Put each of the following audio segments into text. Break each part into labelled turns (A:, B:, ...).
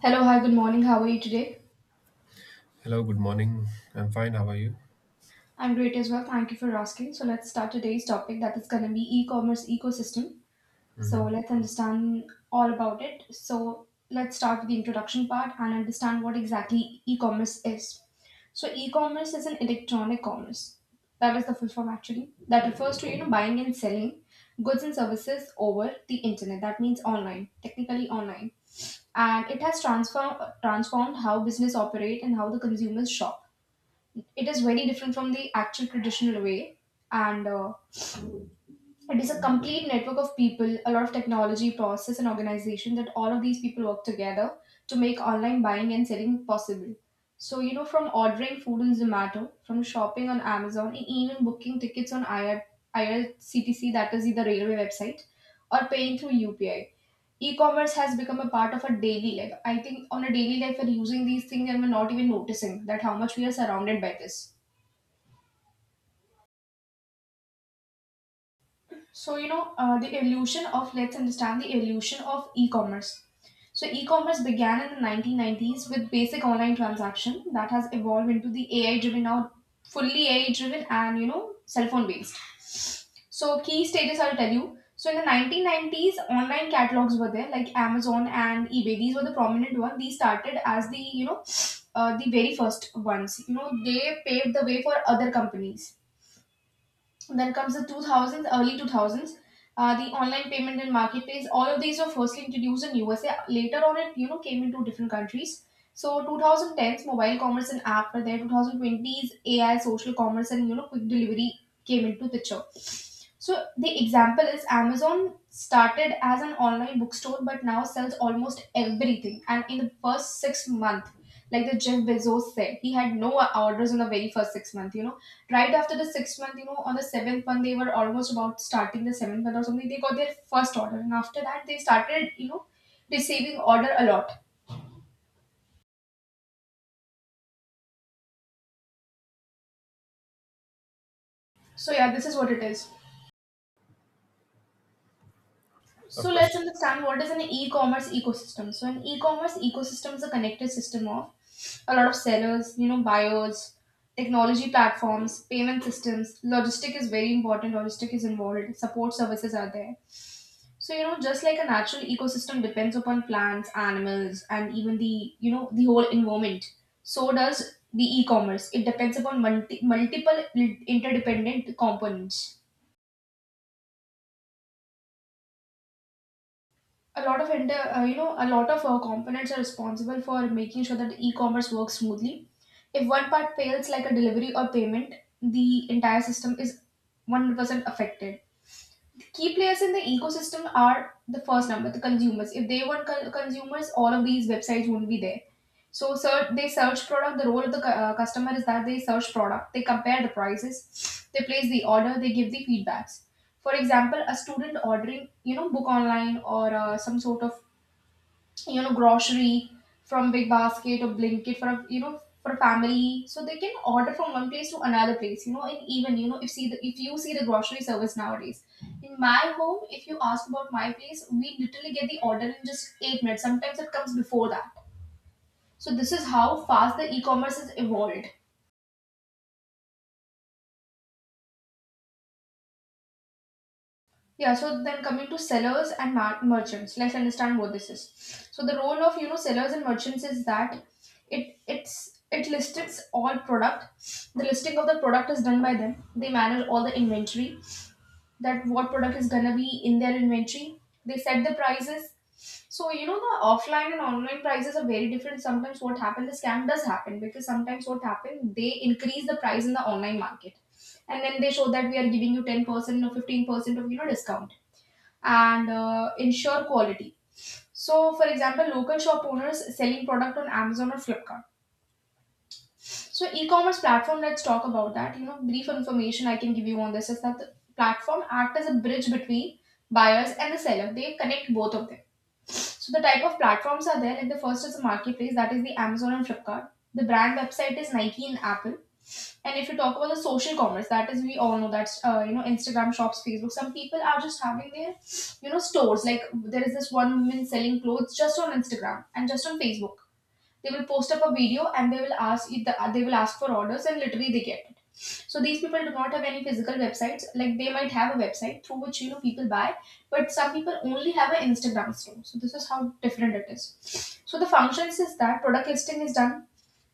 A: Hello, hi, good morning. How are you today?
B: Hello, good morning. I'm fine. How are you?
A: I'm great as well. Thank you for asking. So let's start today's topic that is going to be e commerce ecosystem.
B: hmm
A: So let's understand all about it. So let's start with the introduction part and understand what exactly e commerce is. So e commerce is an electronic commerce. That is the full form actually. That refers to buying and selling goods and services over the internet. That means online, technically online, and it has transformed how business operate and how the consumers shop. It is very different from the actual traditional way, and it is a complete network of people, a lot of technology process and organization, that all of these people work together to make online buying and selling possible. So you know, from ordering food on Zomato, from shopping on Amazon, and even booking tickets on IRCTC, that is the railway website, or paying through UPI, e-commerce has become a part of our daily life. I think on a daily life we're using these things and we're not even noticing that how much we are surrounded by this. So, the evolution of, let's understand the evolution of e commerce. So e commerce began in the 1990s with basic online transaction that has evolved into the AI driven, now fully AI driven and, you know, cell phone based. So key stages I'll tell you. So in the 1990s, online catalogs were there like Amazon and eBay. These were the prominent ones. These started as the, the very first ones. You know, they paved the way for other companies. Then comes the 2000s, early 2000s, the online payment and marketplace. All of these were firstly introduced in USA. Later on, it you know came into different countries. So 2010s, mobile commerce and app were there. 2020s, AI, social commerce, and you know quick delivery came into picture. So the example is Amazon started as an online bookstore, but now sells almost everything. And in the first 6 months, like the Jeff Bezos said, he had no orders in the very first 6 months. You know, right after the sixth month, you know, on the seventh month, they were almost about starting the seventh month or something. They got their first order, and after that, they started, you know, receiving order a lot. So yeah, this is what it is.
B: Of
A: So let's
B: course,
A: understand what is an e-commerce ecosystem. So an e-commerce ecosystem is a connected system of a lot of sellers, you know, buyers, technology platforms, payment systems. Logistic is very important. Logistic is involved. Support services are there. So you know, just like a natural ecosystem depends upon plants, animals, and even the you know the whole environment. So does the e-commerce. It depends upon multiple interdependent components. A lot of inter, you know a lot of components are responsible for making sure that the e-commerce works smoothly. If one part fails, like a delivery or payment, the entire system is 100% affected. Key players in the ecosystem are the first number the consumers. If they weren't consumers, all of these websites wouldn't be there. So search, they search product. The role of the customer is that they search product, they compare the prices, they place the order, they give the feedbacks. For example, a student ordering you know book online, or some sort of you know grocery from Big Basket, or blanket for a you know for a family. So they can order from one place to another place, you know. And even you know, if you see the grocery service nowadays, in my home, if you ask about my place, we literally get the order in just 8 minutes. Sometimes it comes before that. So this is how fast the e-commerce has evolved. Yeah, so then coming to sellers and merchants, let's understand what this is. So the role of you know sellers and merchants is that it lists all product. The listing of the product is done by them. They manage all the inventory. That what product is gonna be in their inventory. They set the prices. So you know the offline and online prices are very different. Sometimes what happened, the scam does happen, because sometimes what happened, they increase the price in the online market, and then they show that we are giving you 10% or 15% of you know discount and ensure quality. So for example, local shop owners selling product on Amazon or Flipkart. So, e-commerce platform. Let's talk about that. You know, brief information I can give you on this is that the platform act as a bridge between buyers and the seller. They connect both of them. So the type of platforms are there. Like the first is the marketplace, that is the Amazon and Flipkart. The brand website is Nike and Apple. And if you talk about the social commerce, that is, we all know that's Instagram shops, Facebook. Some people are just having their you know stores. Like there is this one woman selling clothes just on Instagram and just on Facebook. They will post up a video and they will ask it. They will ask for orders and literally they get it. So these people do not have any physical websites. Like they might have a website through which you know people buy, but some people only have an Instagram store. So this is how different it is. So the functions is that product listing is done.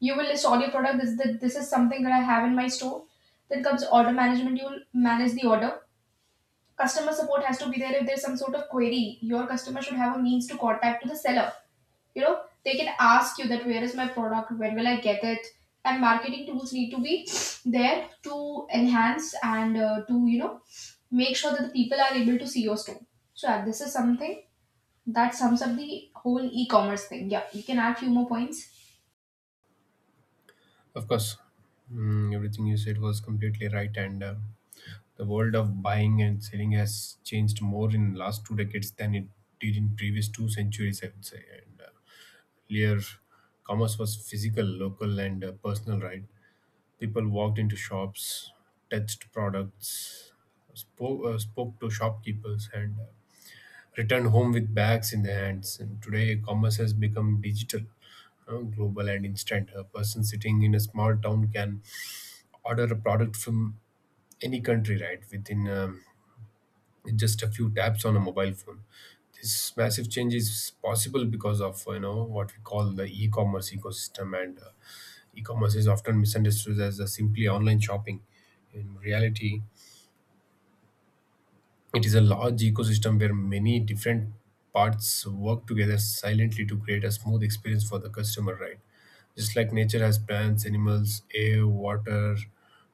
A: You will list all your product. This is something that I have in my store. Then comes order management. You will manage the order. Customer support has to be there if there's some sort of query. Your customer should have a means to contact to the seller. You know, they can ask you that where is my product, when will I get it, and marketing tools need to be there to enhance and to you know make sure that the people are able to see your store. So yeah, this is something that sums up the whole e-commerce thing. Yeah, you can add few more points.
B: of course. Everything you said was completely right, and the world of buying and selling has changed more in the last two decades than it did in previous two centuries, I would say. And Earlier, commerce was physical, local, and personal, right? People walked into shops, touched products, spoke to shopkeepers, and returned home with bags in their hands. And today, commerce has become digital, global, and instant. A person sitting in a small town can order a product from any country, right, within just a few taps on a mobile phone. This massive change is possible because of, you know, what we call the e-commerce ecosystem. And E-commerce is often misunderstood as simply online shopping. In reality, it is a large ecosystem where many different parts work together silently to create a smooth experience for the customer, right? Just like nature has plants, animals, air, water,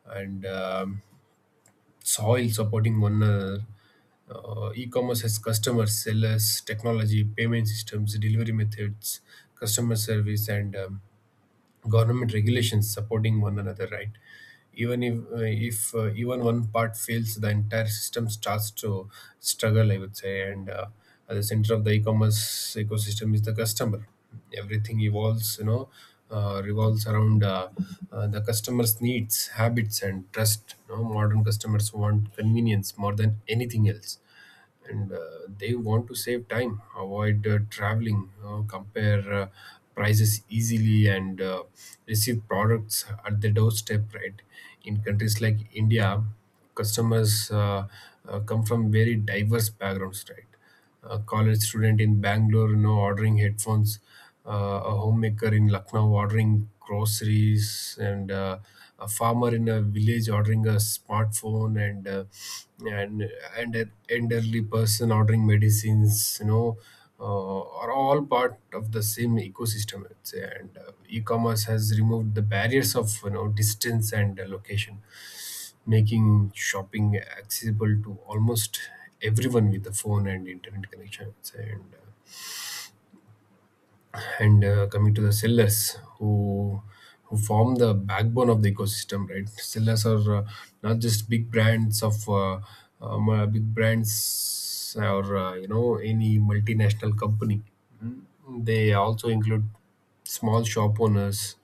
B: and soil supporting one another, e-commerce has customers, sellers, technology, payment systems, delivery methods, customer service, and government regulations supporting one another. Right, even if even one part fails, the entire system starts to struggle, I would say. And At the center of the e-commerce ecosystem is the customer. Everything evolves you know uh, revolves around the customer's needs, habits, and trust. You know, modern customers want convenience more than anything else, and they want to save time, avoid traveling, compare prices easily, and receive products at the doorstep. Right, in countries like India, customers come from very diverse backgrounds. Right, a college student in Bangalore, you know, ordering headphones, uh, a homemaker in Lucknow ordering groceries, and a farmer in a village ordering a smartphone, and and an elderly person ordering medicines, you know, are all part of the same ecosystem, I'd say. And e-commerce has removed the barriers of, you know, distance and location, making shopping accessible to almost everyone with a phone and internet connection. And uh, and Coming to the sellers who form the backbone of the ecosystem, right? Sellers are not just big brands of big brands or you know, any multinational company. They also include small shop owners,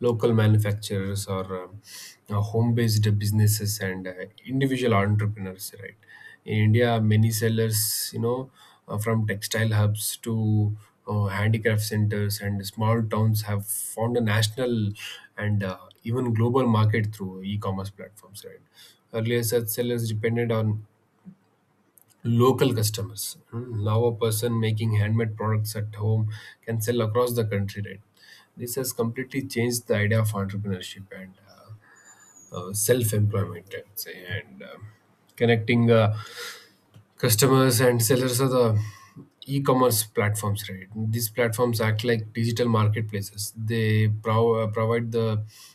B: local manufacturers, or home-based businesses and individual entrepreneurs. Right, in India, many sellers, you know, from textile hubs to handicraft centers and small towns have found a national and even global market through e-commerce platforms. Right, earlier such sellers depended on local customers. Now a person making handmade products at home can sell across the country, right? This has completely changed the idea of entrepreneurship and self-employment, I'd say. And Connecting customers and sellers are the e-commerce platforms. Right, these platforms act like digital marketplaces. They provide the,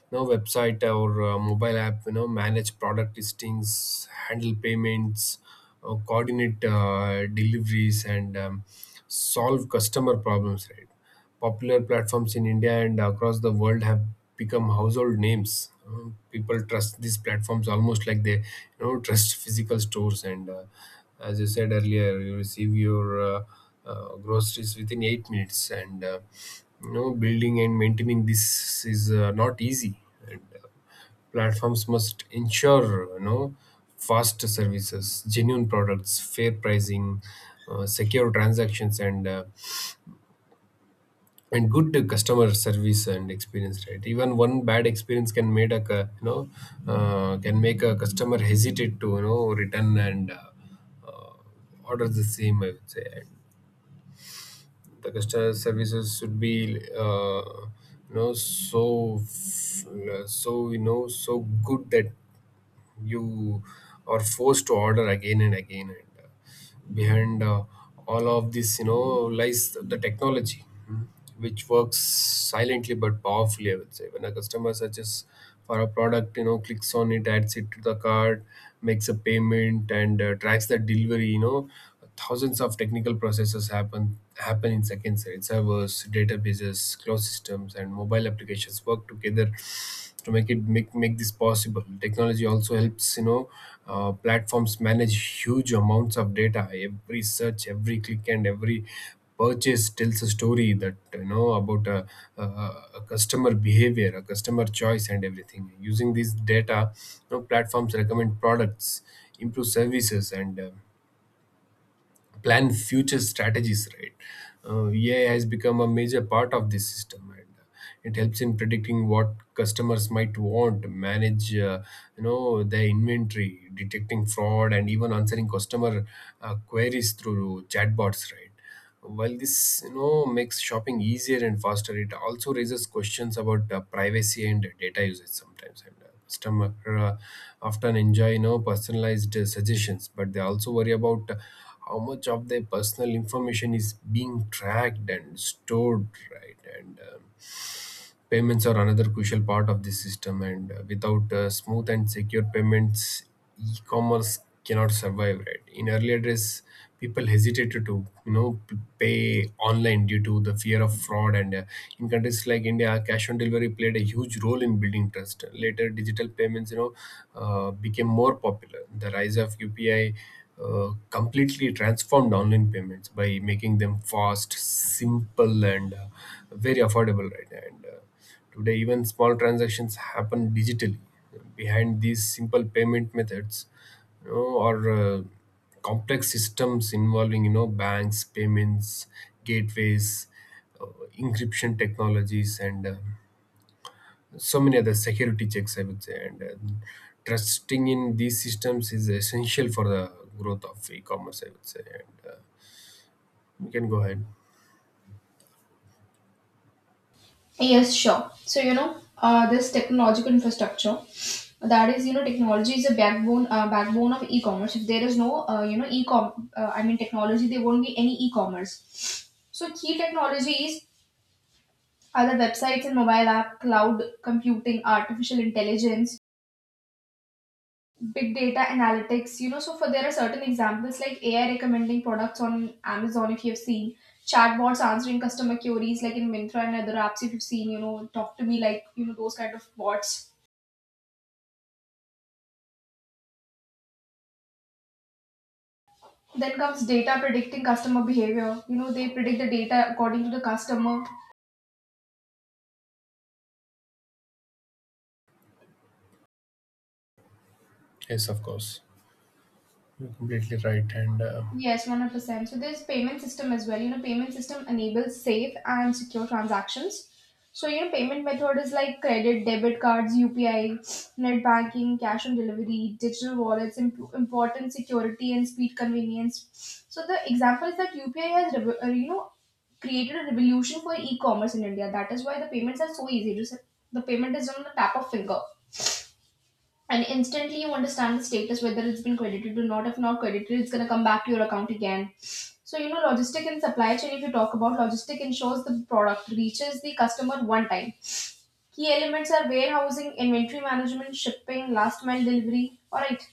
B: you know, website or mobile app, you know, manage product listings, handle payments, coordinate deliveries, and solve customer problems, right? Popular platforms in India and across the world have become household names. People trust these platforms almost like they, you know, trust physical stores. And as you said earlier, you receive your groceries within 8 minutes. And you know, building and maintaining this is not easy. And platforms must ensure, you know, fast services, genuine products, fair pricing, secure transactions, and good customer service and experience. Right, even one bad experience can made a cu- you know can make a customer hesitate to, you know, return and uh, order the same, I would say. And the customer services should be uh, you know so so good that you are forced to order again and again. And Behind all of this, you know, lies the technology, which works silently but powerfully, I would say. When a customer searches for a product, you know, clicks on it, adds it to the cart, makes a payment, and tracks the delivery, you know, thousands of technical processes happen in seconds, right? Servers, databases, cloud systems, and mobile applications work together to make it make make this possible. Technology also helps, you know, platforms manage huge amounts of data. Every search, every click, and every purchase tells a story, that you know, about a, a customer behavior, a customer choice, and everything. Using this data, you know, platforms recommend products, improve services, and plan future strategies, right? AI has become a major part of this system, and it helps in predicting what customers might want, manage you know, their inventory, detecting fraud, and even answering customer queries through chatbots. Right, while this, you know, makes shopping easier and faster, it also raises questions about privacy and data usage sometimes. And customer often enjoy, you know, personalized suggestions, but they also worry about how much of their personal information is being tracked and stored, right? And Payments are another crucial part of this system, and without smooth and secure payments, e commerce cannot survive, right? In earlier days, people hesitated to, you know, pay online due to the fear of fraud. And In countries like India, cash on delivery played a huge role in building trust. Later, digital payments, you know, became more popular. The rise of UPI completely transformed online payments by making them fast, simple, and very affordable right now. And today, even small transactions happen digitally. Behind these simple payment methods, you know, are complex systems involving, you know, banks, payments, gateways, uh, encryption technologies, and so many other security checks, I would say. And trusting in these systems is essential for the growth of e-commerce, I would say. And We can go ahead.
A: Yes, sure. So you know, this technological infrastructure. That is you know technology is a backbone, backbone of e-commerce. If there is no you know e-com I mean technology, there won't be any e-commerce. So key technologies are the websites and mobile app, cloud computing, artificial intelligence, big data analytics, you know. So for there are certain examples like AI recommending products on Amazon, if you have seen, chatbots answering customer queries like in Mintra and other apps, if you've seen you know talk to me, like you know those kind of bots. Then comes data predicting customer behavior. You know, they predict the data according to the customer.
B: Yes, of course, you're completely right. and
A: Yes, 100%. So there's payment system as well. You know, payment system enables safe and secure transactions. So you know, payment method is like credit, debit cards, UPI, net banking, cash on delivery, digital wallets, important security and speed convenience. So the example is that UPI has, created a revolution for e-commerce in India. That is why the payments are so easy. Just the payment is on the tap of finger, and instantly you understand the status whether it's been credited or not. If not credited, it's going to come back to your account again. So you know, logistic and supply chain. If you talk about logistic, ensures the product reaches the customer one time. Key elements are warehousing, inventory management, shipping, last mile delivery. All right.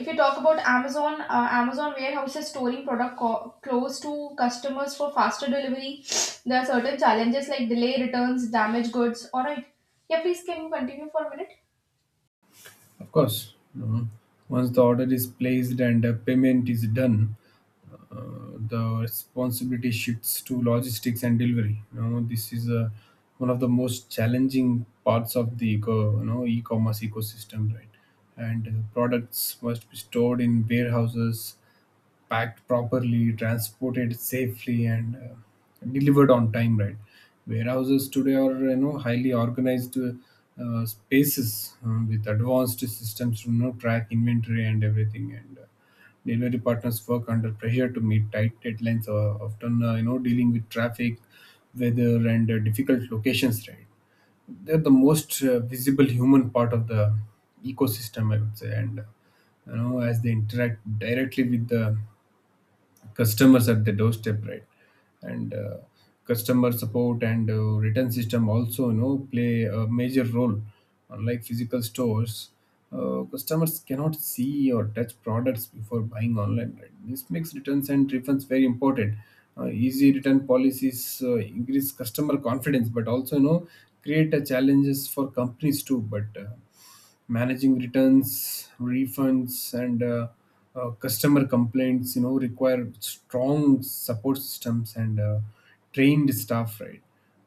A: If you talk about Amazon, Amazon warehouses storing product close to customers for faster delivery. There are certain challenges like delay, returns, damaged goods. All right. Yeah, please, can you continue for a minute.
B: Of course, you know, once the order is placed and the payment is done, the responsibility shifts to logistics and delivery. You know, this is one of the most challenging parts of the e-commerce ecosystem, right? And products must be stored in warehouses, packed properly, transported safely, and delivered on time. Right, warehouses today are, you know, highly organized spaces with advanced systems to, you know, track inventory and everything. And delivery partners work under pressure to meet tight deadlines, often you know, dealing with traffic, weather, and difficult locations. Right, they're the most visible human part of the ecosystem, I would say, and you know, as they interact directly with the customers at the doorstep, right? And customer support and return system also, you know, play a major role. Unlike physical stores, customers cannot see or touch products before buying online, right? This makes returns and refunds very important. Easy return policies increase customer confidence, but also, you know, create challenges for companies too. But managing returns, refunds, and customer complaints, you know, require strong support systems and trained staff, right?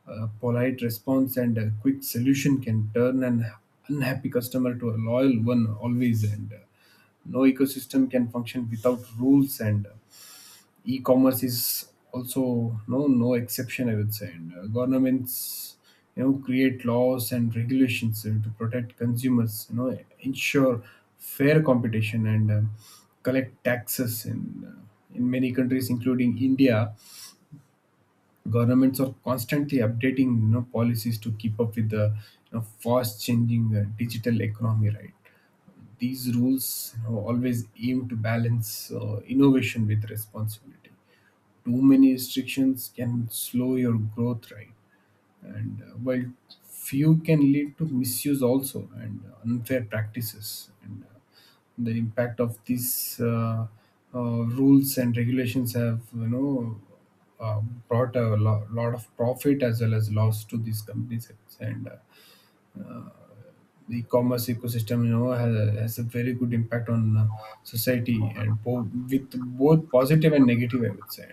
B: A polite response and a quick solution can turn an unhappy customer to a loyal one always. And No ecosystem can function without rules, and e-commerce is also no exception, I would say. And Governments, you know, create laws and regulations to protect consumers, you know, ensure fair competition and collect taxes. In in many countries including India, governments are constantly updating, you know, policies to keep up with the, you know, fast changing digital economy. Right, these rules, you know, always aim to balance innovation with responsibility. Too many restrictions can slow your growth, right? and While few can lead to misuse also and unfair practices. And The impact of these rules and regulations have, you know, uh, brought a lot of profit as well as loss to these companies. And The e-commerce ecosystem, you know, has a very good impact on society, and with both positive and negative, I would say.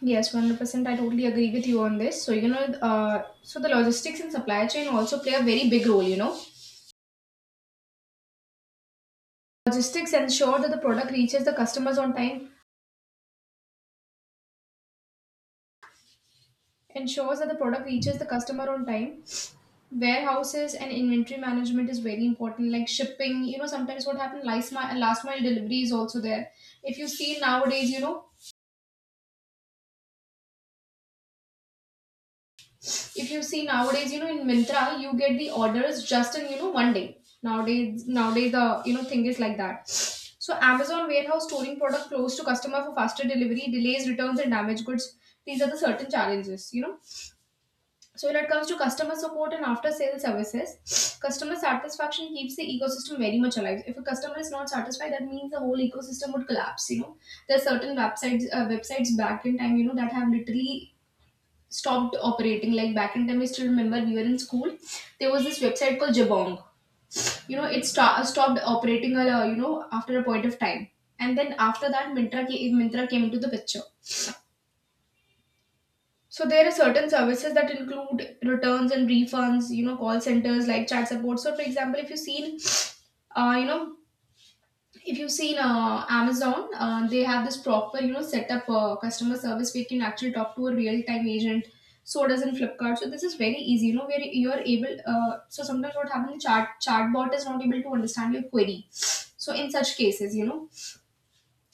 A: Yes, 100%. I totally agree with you on this. So you know, so the logistics and supply chain also play a very big role, you know. Logistics ensure that the product reaches the customers on time, ensures that the product reaches the customer on time. Warehouses and inventory management is very important, like shipping, you know. Sometimes what happened, last mile delivery is also there. If you see nowadays, you know, if you see nowadays, you know, in Mintra, you get the orders just in, you know, one day. Nowadays, nowadays the, you know, thing is like that. So Amazon warehouse storing product close to customer for faster delivery, delays, returns and damaged goods. These are the certain challenges, you know. So when it comes to customer support and after sale services, customer satisfaction keeps the ecosystem very much alive. If a customer is not satisfied, that means the whole ecosystem would collapse, you know. There are certain websites websites back in time, you know, that have literally stopped operating. Like back in time, I still remember we were in school. There was this website called Jabong. You know, it stopped operating. After a point of time, and then after that, Mintra came into the picture. So there are certain services that include returns and refunds. You know, call centers like chat support. So for example, if you've seen, you know, if you've seen Amazon, they have this proper, you know, setup for customer service where you can actually talk to a real-time agent. So does in Flipkart. So this is very easy, you know, where you're able. So sometimes what happens, the chatbot is not able to understand your query. So in such cases, you know,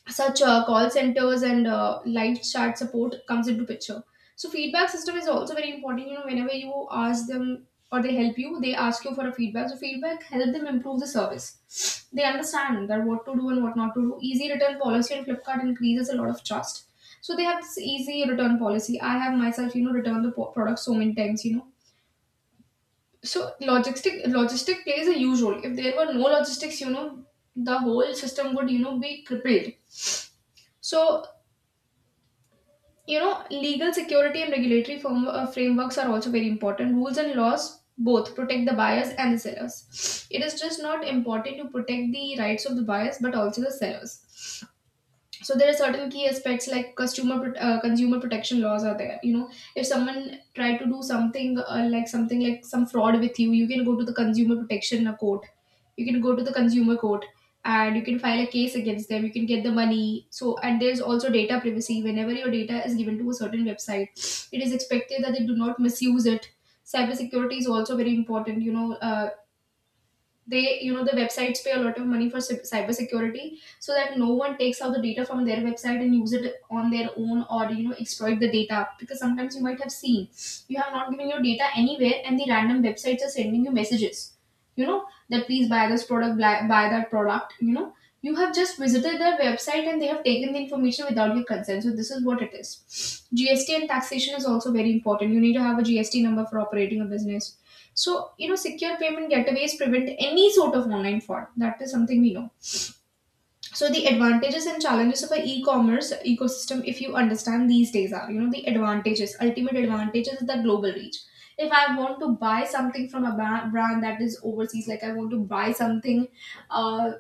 A: such call centers and live chat support comes into picture. So feedback system is also very important. You know, whenever you ask them or they help you, they ask you for a feedback. So feedback help them improve the service, they understand that what to do and what not to do. Easy return policy on Flipkart increases a lot of trust. So they have this easy return policy. I have myself, you know, returned the product so many times, you know. So logistic plays a huge role. If there were no logistics, you know, the whole system would, you know, be crippled. So you know, legal security and regulatory frameworks are also very important. Rules and laws both protect the buyers and the sellers. It is just not important to protect the rights of the buyers but also the sellers. So there are certain key aspects like consumer protection laws are there, you know. If someone try to do something like something like some fraud with you, you can go to the consumer protection court, you can go to the consumer court and you can file a case against them, you can get the money. So and there's also data privacy. Whenever your data is given to a certain website, it is expected that they do not misuse it. Cybersecurity is also very important, you know. They, you know, the websites pay a lot of money for cyber security so that no one takes out the data from their website and use it on their own or, you know, exploit the data. Because sometimes you might have seen, you have not given your data anywhere and the random websites are sending you messages, you know, that please buy this product, buy that product, you know. You have just visited their website and they have taken the information without your consent. So this is what it is. GST and taxation is also very important. You need to have a GST number for operating a business. So, you know, secure payment gateways prevent any sort of online fraud. That is something we know. So, the advantages and challenges of an e commerce ecosystem, if you understand these days, are, you know, the advantages, ultimate advantages is the global reach. If I want to buy something from a brand that is overseas, like I want to buy something uh,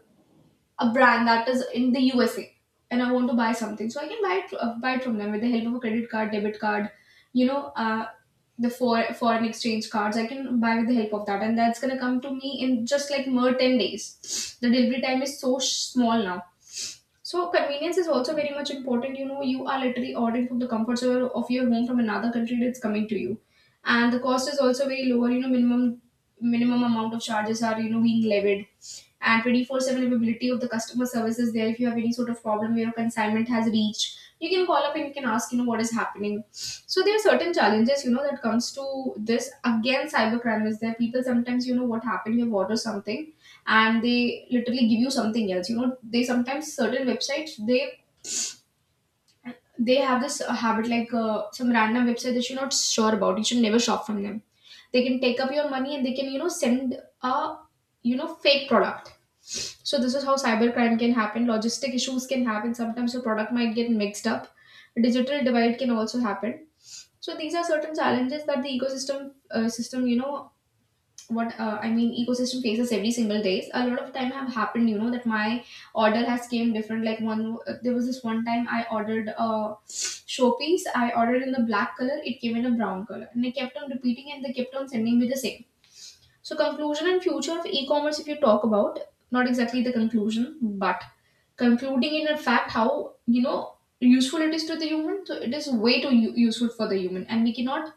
A: a brand that is in the USA and I want to buy something, so I can buy it, buy it from them with the help of a credit card, debit card, you know, uh, foreign exchange cards. I can buy with the help of that, and that's gonna come to me in just like mere 10 days. The delivery time is so small now. So convenience is also very much important. You know, you are literally ordering from the comforts of your home from another country that's coming to you, and the cost is also very lower. You know, minimum amount of charges are, you know, being levied, and 24/7 availability of the customer service is there. If you have any sort of problem where your consignment has reached, you can call up and you can ask, you know, what is happening. So there are certain challenges, you know, that comes to this. Again, cybercrime is there. People sometimes, you know, what happened, you order something and they literally give you something else. You know, they sometimes certain websites they have this habit like some random website that you're not sure about, you should never shop from them. They can take up your money and they can, you know, send a, you know, fake product. So this is how cybercrime can happen. Logistic issues can happen, sometimes your product might get mixed up. Digital divide can also happen. So these are certain challenges that the ecosystem system, you know, what I mean ecosystem faces every single days. A lot of time have happened, you know, that my order has came different. Like one, there was this one time I ordered a showpiece. I ordered in the black color. It came in a brown color, and I kept on repeating, and they kept on sending me the same. So conclusion and future of e-commerce, if you talk about, not exactly the conclusion, but concluding in a fact how, you know, useful it is to the human. So it is way too useful for the human, and we cannot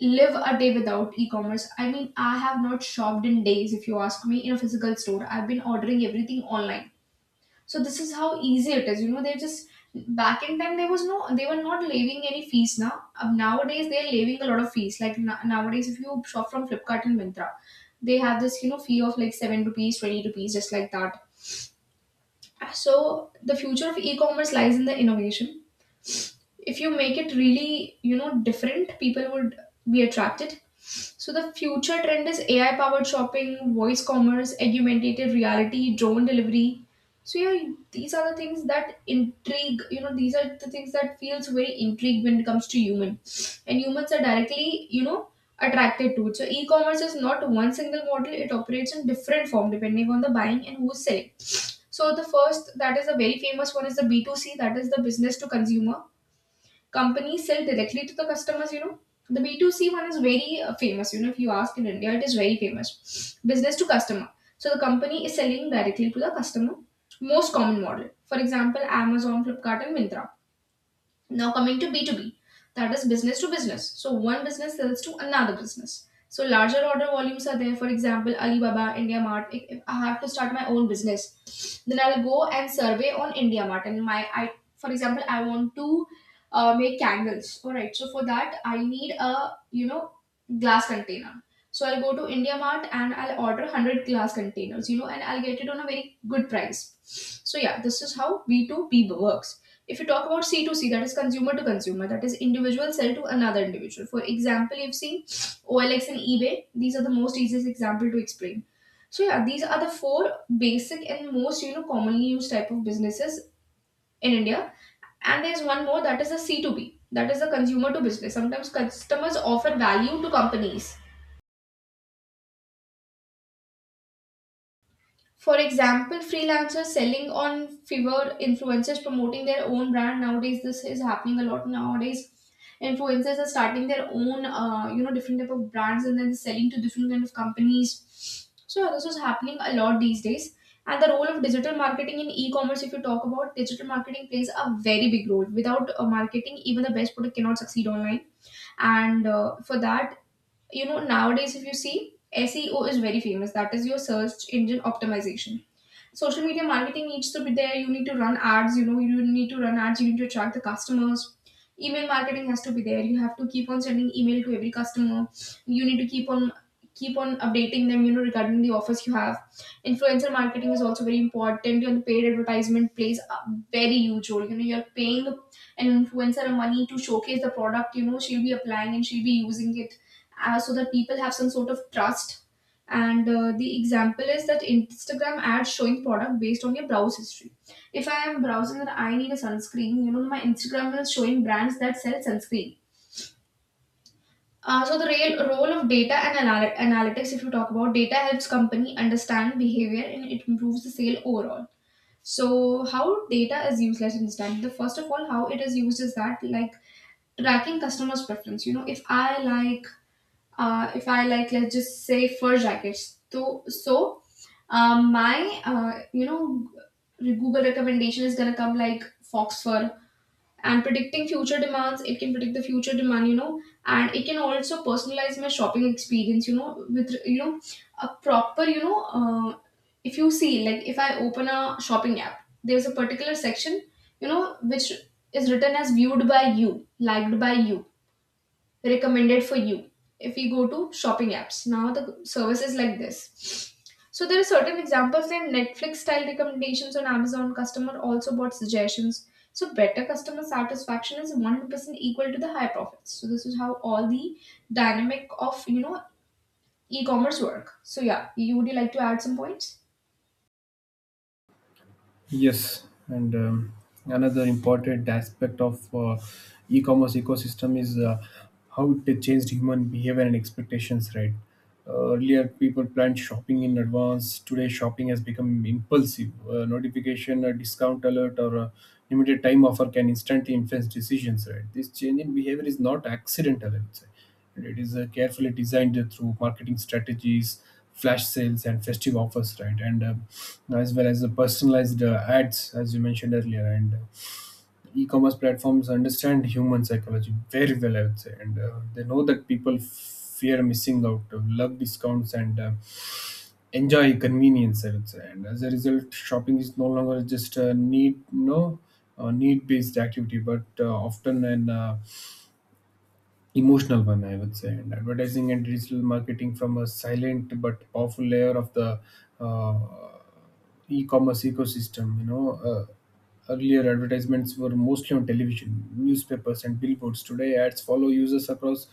A: live a day without e-commerce. I mean, I have not shopped in days, if you ask me, in a physical store. I've been ordering everything online. So this is how easy it is, you know. They just, back in time there was no, they were not levying any fees. Now nowadays they're levying a lot of fees, like nowadays if you shop from Flipkart and Mintra, they have this, you know, fee of like 7 rupees, 20 rupees, just like that. So the future of e-commerce lies in the innovation. If you make it really, you know, different, people would be attracted. So the future trend is AI powered shopping, voice commerce, augmented reality, drone delivery. So yeah, these are the things that intrigue, you know, these are the things that feels very intrigue when it comes to human, and humans are directly, you know, attracted to it. So e-commerce is not one single model, it operates in different form depending on the buying and who's selling. So the first, that is a very famous one, is the B2C, that is the business to consumer. Companies sell directly to the customers, you know. The B2C one is very famous, you know, if you ask in India, it is very famous. Business to customer. So the company is selling directly to the customer. Most common model, for example, Amazon, Flipkart and Mintra. Now coming to B2B, that is business to business. So one business sells to another business. So larger order volumes are there. For example, Alibaba, IndiaMart. If I have to start my own business, then I'll go and survey on India Mart. And for example, I want to make candles. All right. So for that, I need a, you know, glass container. So I'll go to India Mart and I'll order 100 glass containers. You know, and I'll get it on a very good price. So yeah, this is how B2B works. If you talk about c to C, that is consumer to consumer, that is individual sell to another individual. For example, you've seen OLX and eBay. These are the most easiest example to explain. So yeah, these are the four basic and most, you know, commonly used type of businesses in India. And there's one more, that is the C2B, that is the consumer to business. Sometimes customers offer value to companies. For example, freelancers selling on Fiverr, influencers promoting their own brand. Nowadays, this is happening a lot. Nowadays, influencers are starting their own, you know, different type of brands and then selling to different kind of companies. So this is happening a lot these days. And the role of digital marketing in e-commerce, if you talk about, digital marketing plays a very big role. Without marketing, even the best product cannot succeed online. And for that, you know, nowadays, if you see, SEO is very famous. That is your search engine optimization. Social media marketing needs to be there, you need to run ads, you need to attract the customers. Email marketing has to be there, you have to keep on sending email to every customer. You need to keep on updating them, you know, regarding the offers you have. Influencer marketing is also very important. Your paid advertisement plays a very huge role, you know. You're paying an influencer money to showcase the product, you know, she'll be applying and she'll be using it, so that people have some sort of trust. And the example is that Instagram ads showing product based on your browse history. If I am browsing and I need a sunscreen, you know, my Instagram is showing brands that sell sunscreen. So the real role of data and analytics, if you talk about, data helps company understand behavior and it improves the sale overall. So how data is used, let's understand. The first of all, how it is used is that like tracking customers preference, you know. If I like if I like, let's just say, fur jackets. So, so my you know, Google recommendation is gonna come like fox fur. And predicting future demands. It can predict the future demand, you know, and it can also personalize my shopping experience, you know, with, you know, a proper, you know. If you see like if I open a shopping app, there's a particular section, you know, which is written as viewed by you, liked by you, recommended for you. If we go to shopping apps now, the services like this. So there are certain examples like Netflix style recommendations on Amazon, customer also bought suggestions. So better customer satisfaction is 100% equal to the high profits. So this is how all the dynamic of, you know, e-commerce work. So yeah, you would, you like to add some points?
B: Yes, and another important aspect of e-commerce ecosystem is how it changed human behavior and expectations. Right, earlier people planned shopping in advance. Today, shopping has become impulsive. A notification, a discount alert, or a limited time offer can instantly influence decisions. Right, this change in behavior is not accidental, I would say. And It is carefully designed through marketing strategies, flash sales, and festive offers, right? And As well as the personalized ads, as you mentioned earlier. And e-commerce platforms understand human psychology very well, I would say, and they know that people fear missing out, love discounts, and enjoy convenience, I would say. And as a result, shopping is no longer just a need. No, need-based activity, but often an emotional one, I would say. And Advertising and digital marketing from a silent but powerful layer of the uh, e-commerce ecosystem, you know, earlier advertisements were mostly on television, newspapers, and billboards. Today ads follow users across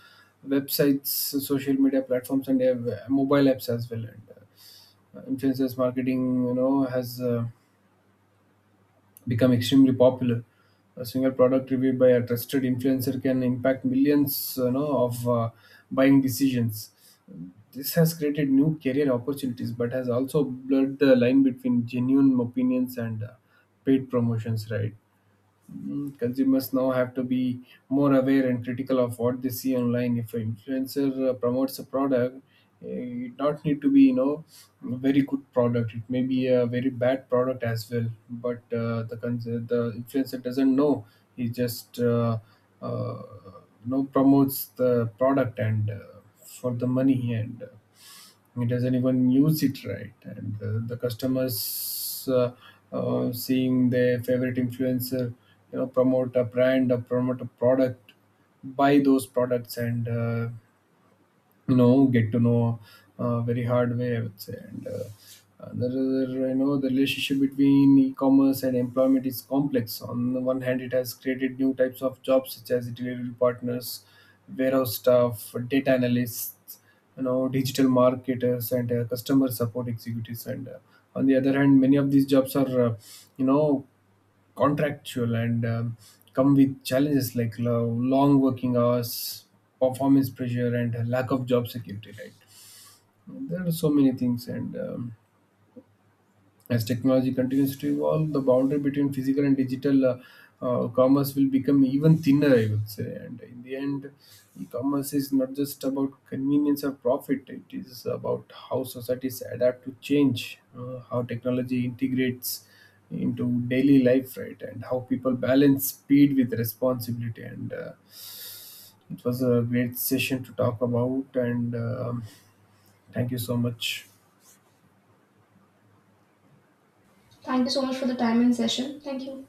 B: websites, social media platforms, and mobile apps as well. And Influencers marketing, you know, has become extremely popular. A single product reviewed by a trusted influencer can impact millions, you know, of buying decisions. This has created new career opportunities, but has also blurred the line between genuine opinions and paid promotions, right? Consumers now have to be more aware and critical of what they see online. If an influencer promotes a product, it not need to be, you know, a very good product. It may be a very bad product as well, but the influencer doesn't know. He just uh, you know, promotes the product and for the money, and it doesn't even use it, right? And the customers, seeing their favorite influencer, you know, promote a brand or promote a product, buy those products, and you know, get to know very hard way, I would say. And Another, you know, the relationship between e-commerce and employment is complex. On the one hand, it has created new types of jobs such as delivery partners, warehouse staff, data analysts, you know, digital marketers, and customer support executives. And On the other hand, many of these jobs are you know, contractual and come with challenges like long working hours, performance pressure, and lack of job security, right? There are so many things, and as technology continues to evolve, the boundary between physical and digital commerce will become even thinner, I would say. And in the end, e commerce is not just about convenience or profit, it is about how societies adapt to change, how technology integrates into daily life, right? And how people balance speed with responsibility. And It was a great session to talk about. And Thank you so much.
A: Thank you so much for the time and session. Thank you.